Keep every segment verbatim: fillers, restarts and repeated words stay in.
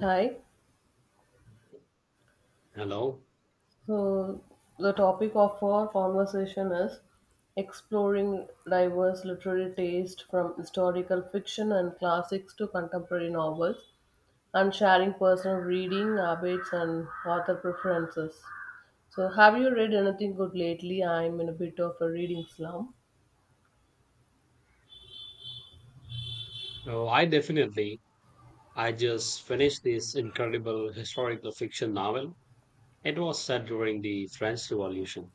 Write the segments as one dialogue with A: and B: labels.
A: Hi.
B: Hello.
A: So the topic of our conversation is exploring diverse literary taste from historical fiction and classics to contemporary novels and sharing personal reading habits and author preferences. So have you read anything good lately? I'm in a bit of a reading slump.
B: Oh, I definitely. I just finished this incredible historical fiction novel. It was set during the French Revolution.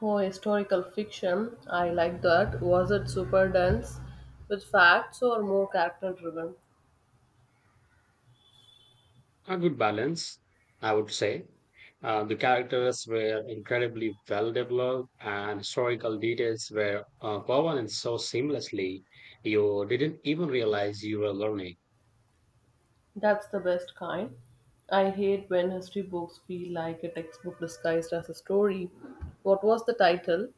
A: Oh, historical fiction. I like that. Was it super dense with facts or more character driven?
B: A good balance, I would say. Uh, the characters were incredibly well developed, and historical details were uh, woven in so seamlessly, you didn't even realize you were learning.
A: That's the best kind. I hate when history books feel like a textbook disguised as a story. What was the title?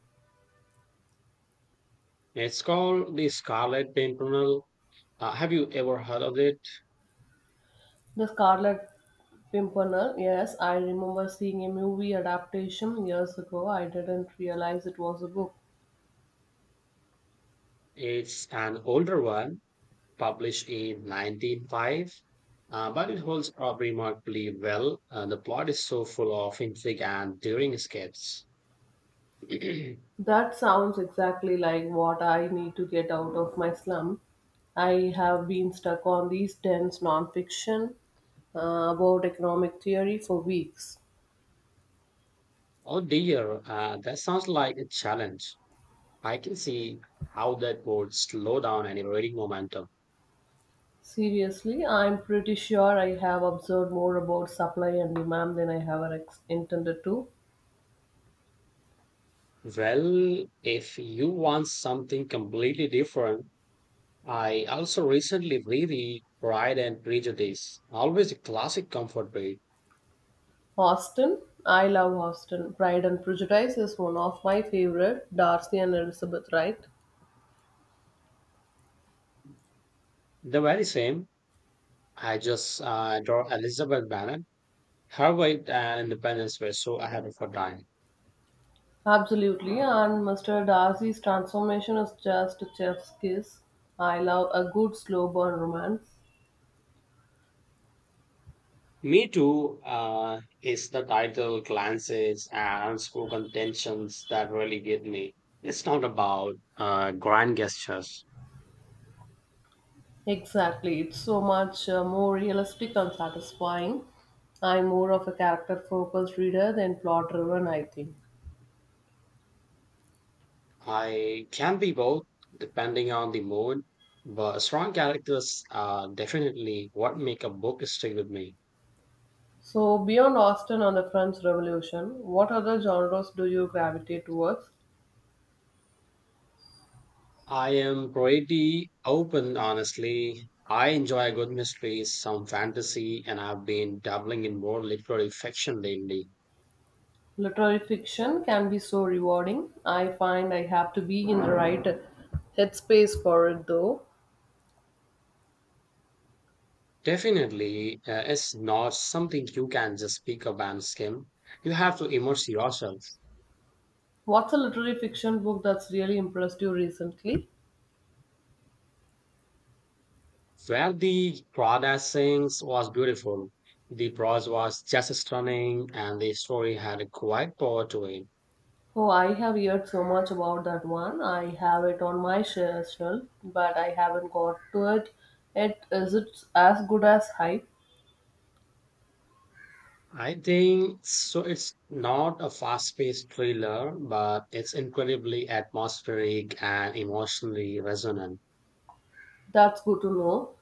B: It's called The Scarlet Pimpernel. Uh, have you ever heard of it?
A: The Scarlet Pimpernel. Yes, I remember seeing a movie adaptation years ago. I didn't realize it was a book.
B: It's an older one published in nineteen oh five, uh, but it holds up remarkably well. Uh, the plot is so full of intrigue and daring escapes.
A: That sounds exactly like what I need to get out of my slum. I have been stuck on these dense nonfiction uh, about economic theory for weeks.
B: Oh dear, uh, that sounds like a challenge. I can see how that would slow down any reading momentum.
A: Seriously, I'm pretty sure I have observed more about supply and demand than I ever ex- intended to.
B: Well, if you want something completely different, I also recently reread Pride and Prejudice, always a classic comfort read.
A: Austin, I love Austin. Pride and Prejudice is one of my favorite. Darcy and Elizabeth, right?
B: The very same. I just uh, adore Elizabeth Bennet. Her weight and independence were so ahead of her time.
A: Absolutely, and mister Darcy's transformation is just a chef's kiss. I love a good slow burn romance.
B: Me too, uh, is the title, glances, and unspoken tensions that really get me. It's not about uh, grand gestures.
A: Exactly, it's so much uh, more realistic and satisfying. I'm more of a character focused reader than plot driven, I think.
B: I can be both depending on the mood, but strong characters are definitely what make a book stick with me.
A: So, beyond Austen and the French Revolution, what other genres do you gravitate towards?
B: I am pretty open, honestly. I enjoy a good mystery, some fantasy, and I've been dabbling in more literary fiction lately.
A: Literary fiction can be so rewarding. I find I have to be in the right headspace for it though.
B: Definitely, uh, it's not something you can just pick up and skim. You have to immerse yourself.
A: What's a literary fiction book that's really impressed you recently?
B: Where the Prada sings was beautiful, the prose was just stunning, and the story had a quiet power to it.
A: Oh, I have heard so much about that one. I have it on my sh- shelf, but I haven't got to it. It is it as good as hype?
B: I think so. It's not a fast-paced thriller, but it's incredibly atmospheric and emotionally resonant.
A: That's good to know.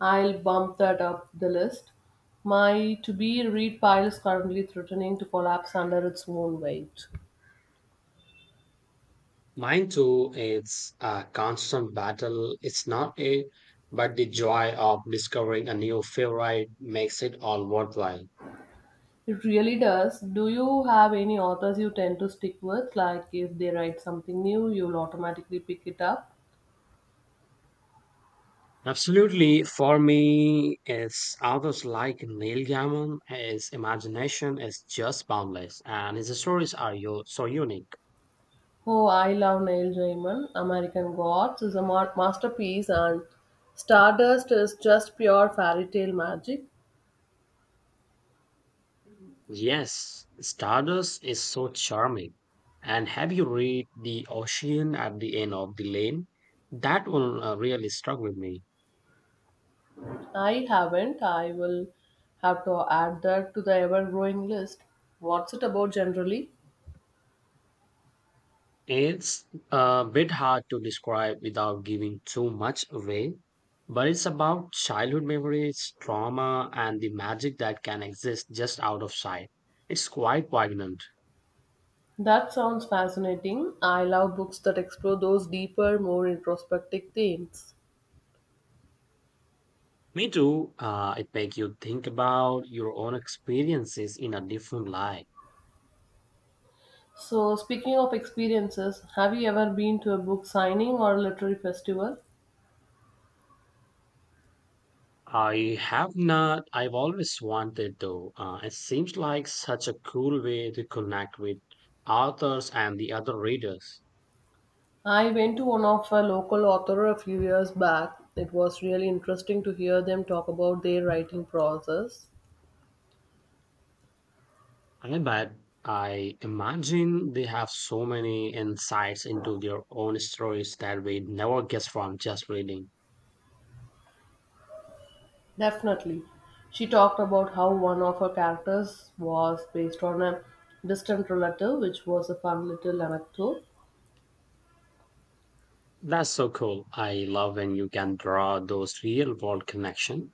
A: I'll bump that up the list. My to be read pile is currently threatening to collapse under its own weight.
B: Mine too, it's a constant battle. It's not a, but the joy of discovering a new favorite makes it all worthwhile.
A: It really does. Do you have any authors you tend to stick with? Like if they write something new, you'll automatically pick it up?
B: Absolutely, for me, it's authors like Neil Gaiman. His imagination is just boundless, and his stories are yo- so unique.
A: Oh, I love Neil Gaiman. American Gods is a ma- masterpiece, and Stardust is just pure fairy tale magic.
B: Yes, Stardust is so charming. And have you read The Ocean at the End of the Lane? That one uh, really struck with me.
A: I haven't. I will have to add that to the ever growing list. What's it about generally?
B: It's a bit hard to describe without giving too much away, but it's about childhood memories, trauma, and the magic that can exist just out of sight. It's quite poignant.
A: That sounds fascinating. I love books that explore those deeper, more introspective themes.
B: Me too. Uh, it makes you think about your own experiences in a different light.
A: So, speaking of experiences, have you ever been to a book signing or a literary festival?
B: I have not. I've always wanted though. Uh, it seems like such a cool way to connect with authors and the other readers.
A: I went to one of a local author a few years back. It was really interesting to hear them talk about their writing process.
B: I bet I imagine they have so many insights into their own stories that we never guess from just reading.
A: Definitely. She talked about how one of her characters was based on a distant relative, which was a fun little anecdote.
B: That's so cool. I love when you can draw those real world connections.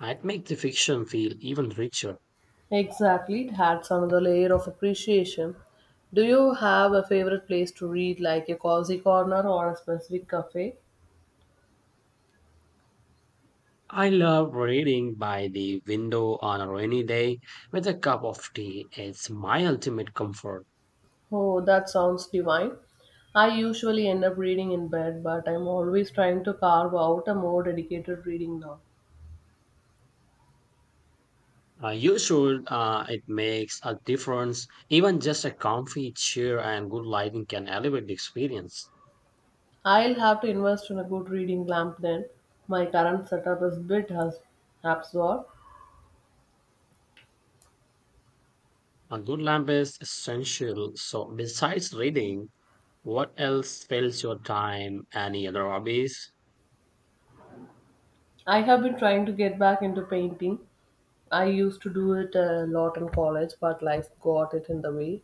B: It makes the fiction feel even richer.
A: Exactly, it adds another layer of appreciation. Do you have a favorite place to read, like a cozy corner or a specific cafe?
B: I love reading by the window on a rainy day with a cup of tea. It's my ultimate comfort.
A: Oh, that sounds divine. I usually end up reading in bed, but I'm always trying to carve out a more dedicated reading now.
B: Uh, you should, uh, it makes a difference. Even just a comfy chair and good lighting can elevate the experience.
A: I'll have to invest in a good reading lamp then. My current setup is a bit has absorbed.
B: A good lamp is essential. So, besides reading, what else fills your time? Any other hobbies?
A: I have been trying to get back into painting. I used to do it a lot in college, but life got it in the way.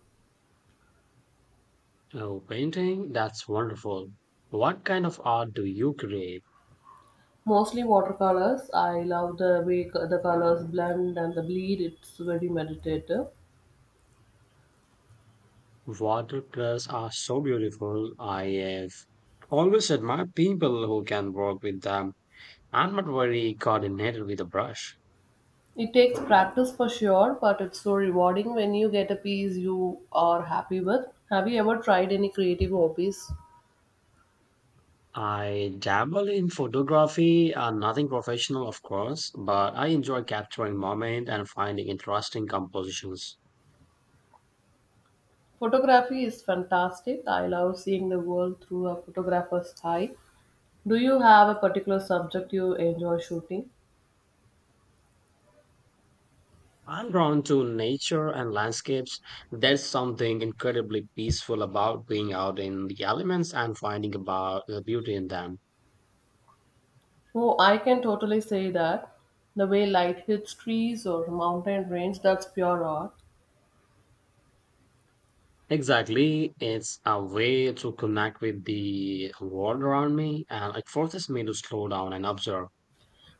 B: Oh, painting? That's wonderful. What kind of art do you create?
A: Mostly watercolors. I love the way co- the colors blend and the bleed. It's very meditative.
B: Watercolors are so beautiful. I have always admired people who can work with them. I'm not very coordinated with a brush.
A: It takes practice for sure, but it's so rewarding when you get a piece you are happy with. Have you ever tried any creative hobbies?
B: I dabble in photography, uh, nothing professional, of course, but I enjoy capturing moments and finding interesting compositions.
A: Photography is fantastic. I love seeing the world through a photographer's eye. Do you have a particular subject you enjoy shooting?
B: I'm drawn to nature and landscapes. There's something incredibly peaceful about being out in the elements and finding about the beauty in them.
A: Oh, I can totally say that. The way light hits trees or mountain range, that's pure art.
B: Exactly, it's a way to connect with the world around me and it forces me to slow down and observe.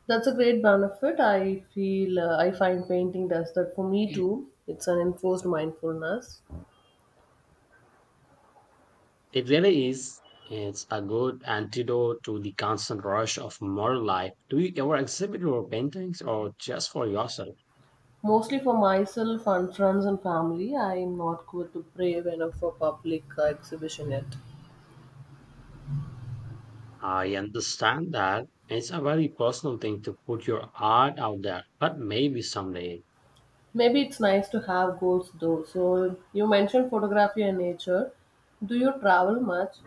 A: That's a great benefit. I feel uh, I find painting does that for me
B: Mm.
A: too. It's an enforced mindfulness.
B: It really is. It's a good antidote to the constant rush of modern life. Do you ever exhibit your paintings or just for yourself?
A: Mostly for myself and friends and family. I am not good to brave enough for public uh, exhibition yet.
B: I understand that it's a very personal thing to put your art out there, but maybe someday.
A: Maybe it's nice to have goals though. So, you mentioned photography and nature. Do you travel much?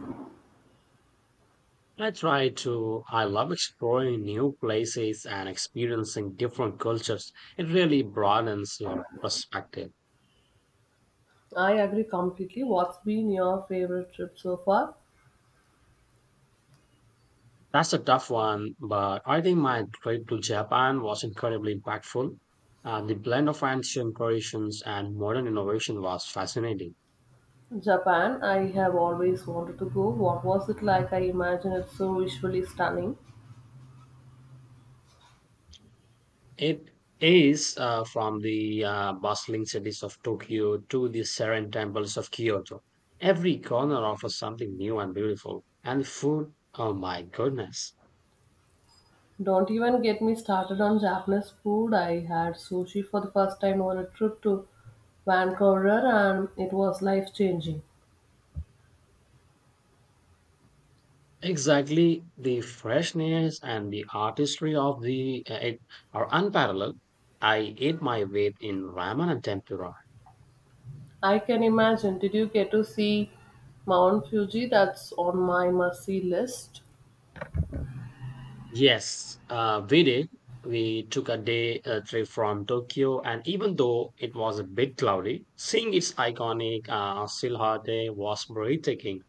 B: I try to. I love exploring new places and experiencing different cultures. It really broadens your perspective.
A: I agree completely. What's been your favorite trip so far?
B: That's a tough one, but I think my trip to Japan was incredibly impactful. Uh, the blend of ancient traditions and modern innovation was fascinating.
A: Japan. I have always wanted to go. What was it like? I imagine it's so visually stunning.
B: It is, uh, from the uh, bustling cities of Tokyo to the serene temples of Kyoto. Every corner offers something new and beautiful. And the food, oh my goodness.
A: Don't even get me started on Japanese food. I had sushi for the first time on a trip to Vancouver and it was life changing.
B: Exactly, the freshness and the artistry of the uh, it are unparalleled. I ate my weight in ramen and tempura.
A: I can imagine. Did you get to see Mount Fuji? That's on my must-see list.
B: Yes, uh, we did. We took a day uh, trip from Tokyo, and even though it was a bit cloudy, seeing its iconic uh, silhouette was breathtaking.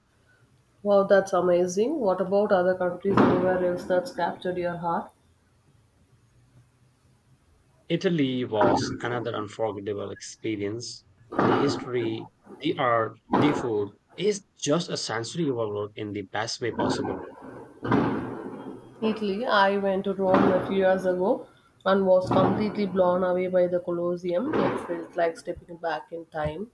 A: Wow, that's amazing. What about other countries, anywhere else that's captured your heart?
B: Italy was another unforgettable experience. The history, the art, the food is just a sensory overload in the best way possible.
A: Italy, I went to Rome a few years ago and was completely blown away by the Colosseum. It felt like stepping back in time.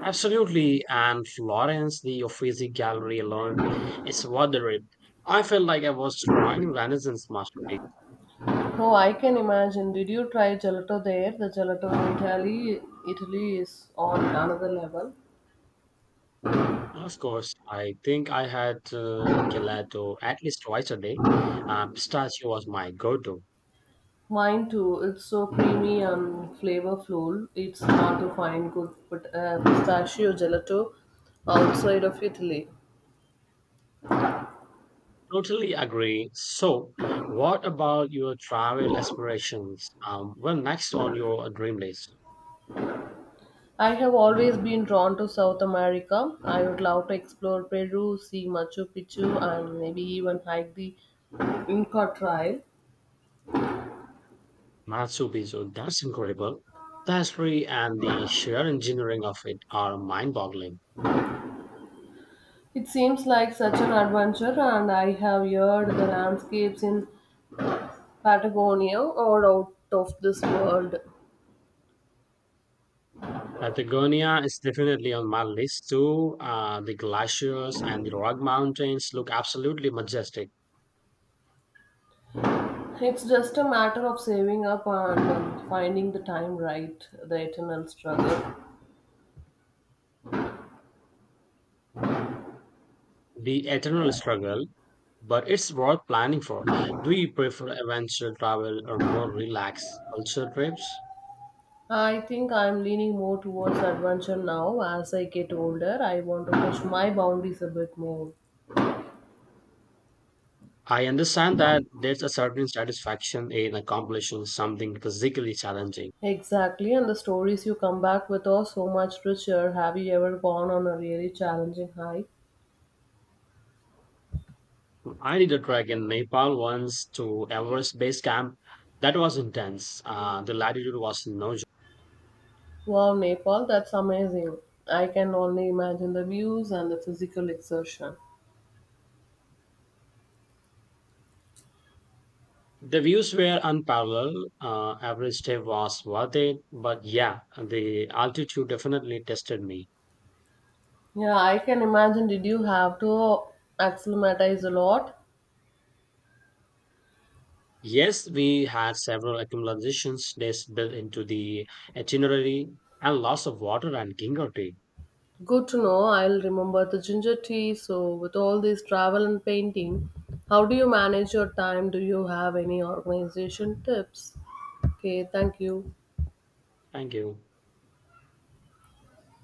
B: Absolutely, and Florence, the Uffizi Gallery alone, is worth the trip. I felt like I was drawing Renaissance masterpiece.
A: Oh, I can imagine. Did you try gelato there? The gelato in Italy, Italy is on another level.
B: Of course, I think I had uh, gelato at least twice a day. Uh, pistachio was my go-to.
A: Mine too. It's so creamy and flavorful. It's hard to find good pit- uh, pistachio gelato outside of Italy.
B: Totally agree. So, what about your travel aspirations? Um, well, next on your dream list,
A: I have always been drawn to South America. I would love to explore Peru, see Machu Picchu, and maybe even hike the Inca Trail.
B: Machu Picchu. That's incredible. The history and the sheer engineering of it are mind-boggling.
A: It seems like such an adventure, and I have heard the landscapes in Patagonia are out of this world.
B: Patagonia is definitely on my list too. Uh, the glaciers and the rock mountains look absolutely majestic.
A: It's just a matter of saving up and um, finding the time right, the eternal struggle.
B: The eternal struggle, but it's worth planning for. Do you prefer adventure travel or more relaxed culture trips?
A: I think I'm leaning more towards adventure now. As I get older, I want to push my boundaries a bit more.
B: I understand that there's a certain satisfaction in accomplishing something physically challenging.
A: Exactly, and the stories you come back with are so much richer. Have you ever gone on a really challenging hike?
B: I did a trek in Nepal once to Everest Base Camp. That was intense. Uh, the latitude was no joke.
A: Wow, Nepal, that's amazing. I can only imagine the views and the physical exertion.
B: The views were unparalleled. Uh, every step was worth it. But yeah, the altitude definitely tested me.
A: Yeah, I can imagine. Did you have to acclimatize a lot?
B: Yes, we had several accumulations days built into the itinerary and lots of water and ginger tea.
A: Good to know. I'll remember the ginger tea. So, with all this travel and painting, how do you manage your time? Do you have any organization tips? Okay, thank you.
B: Thank you.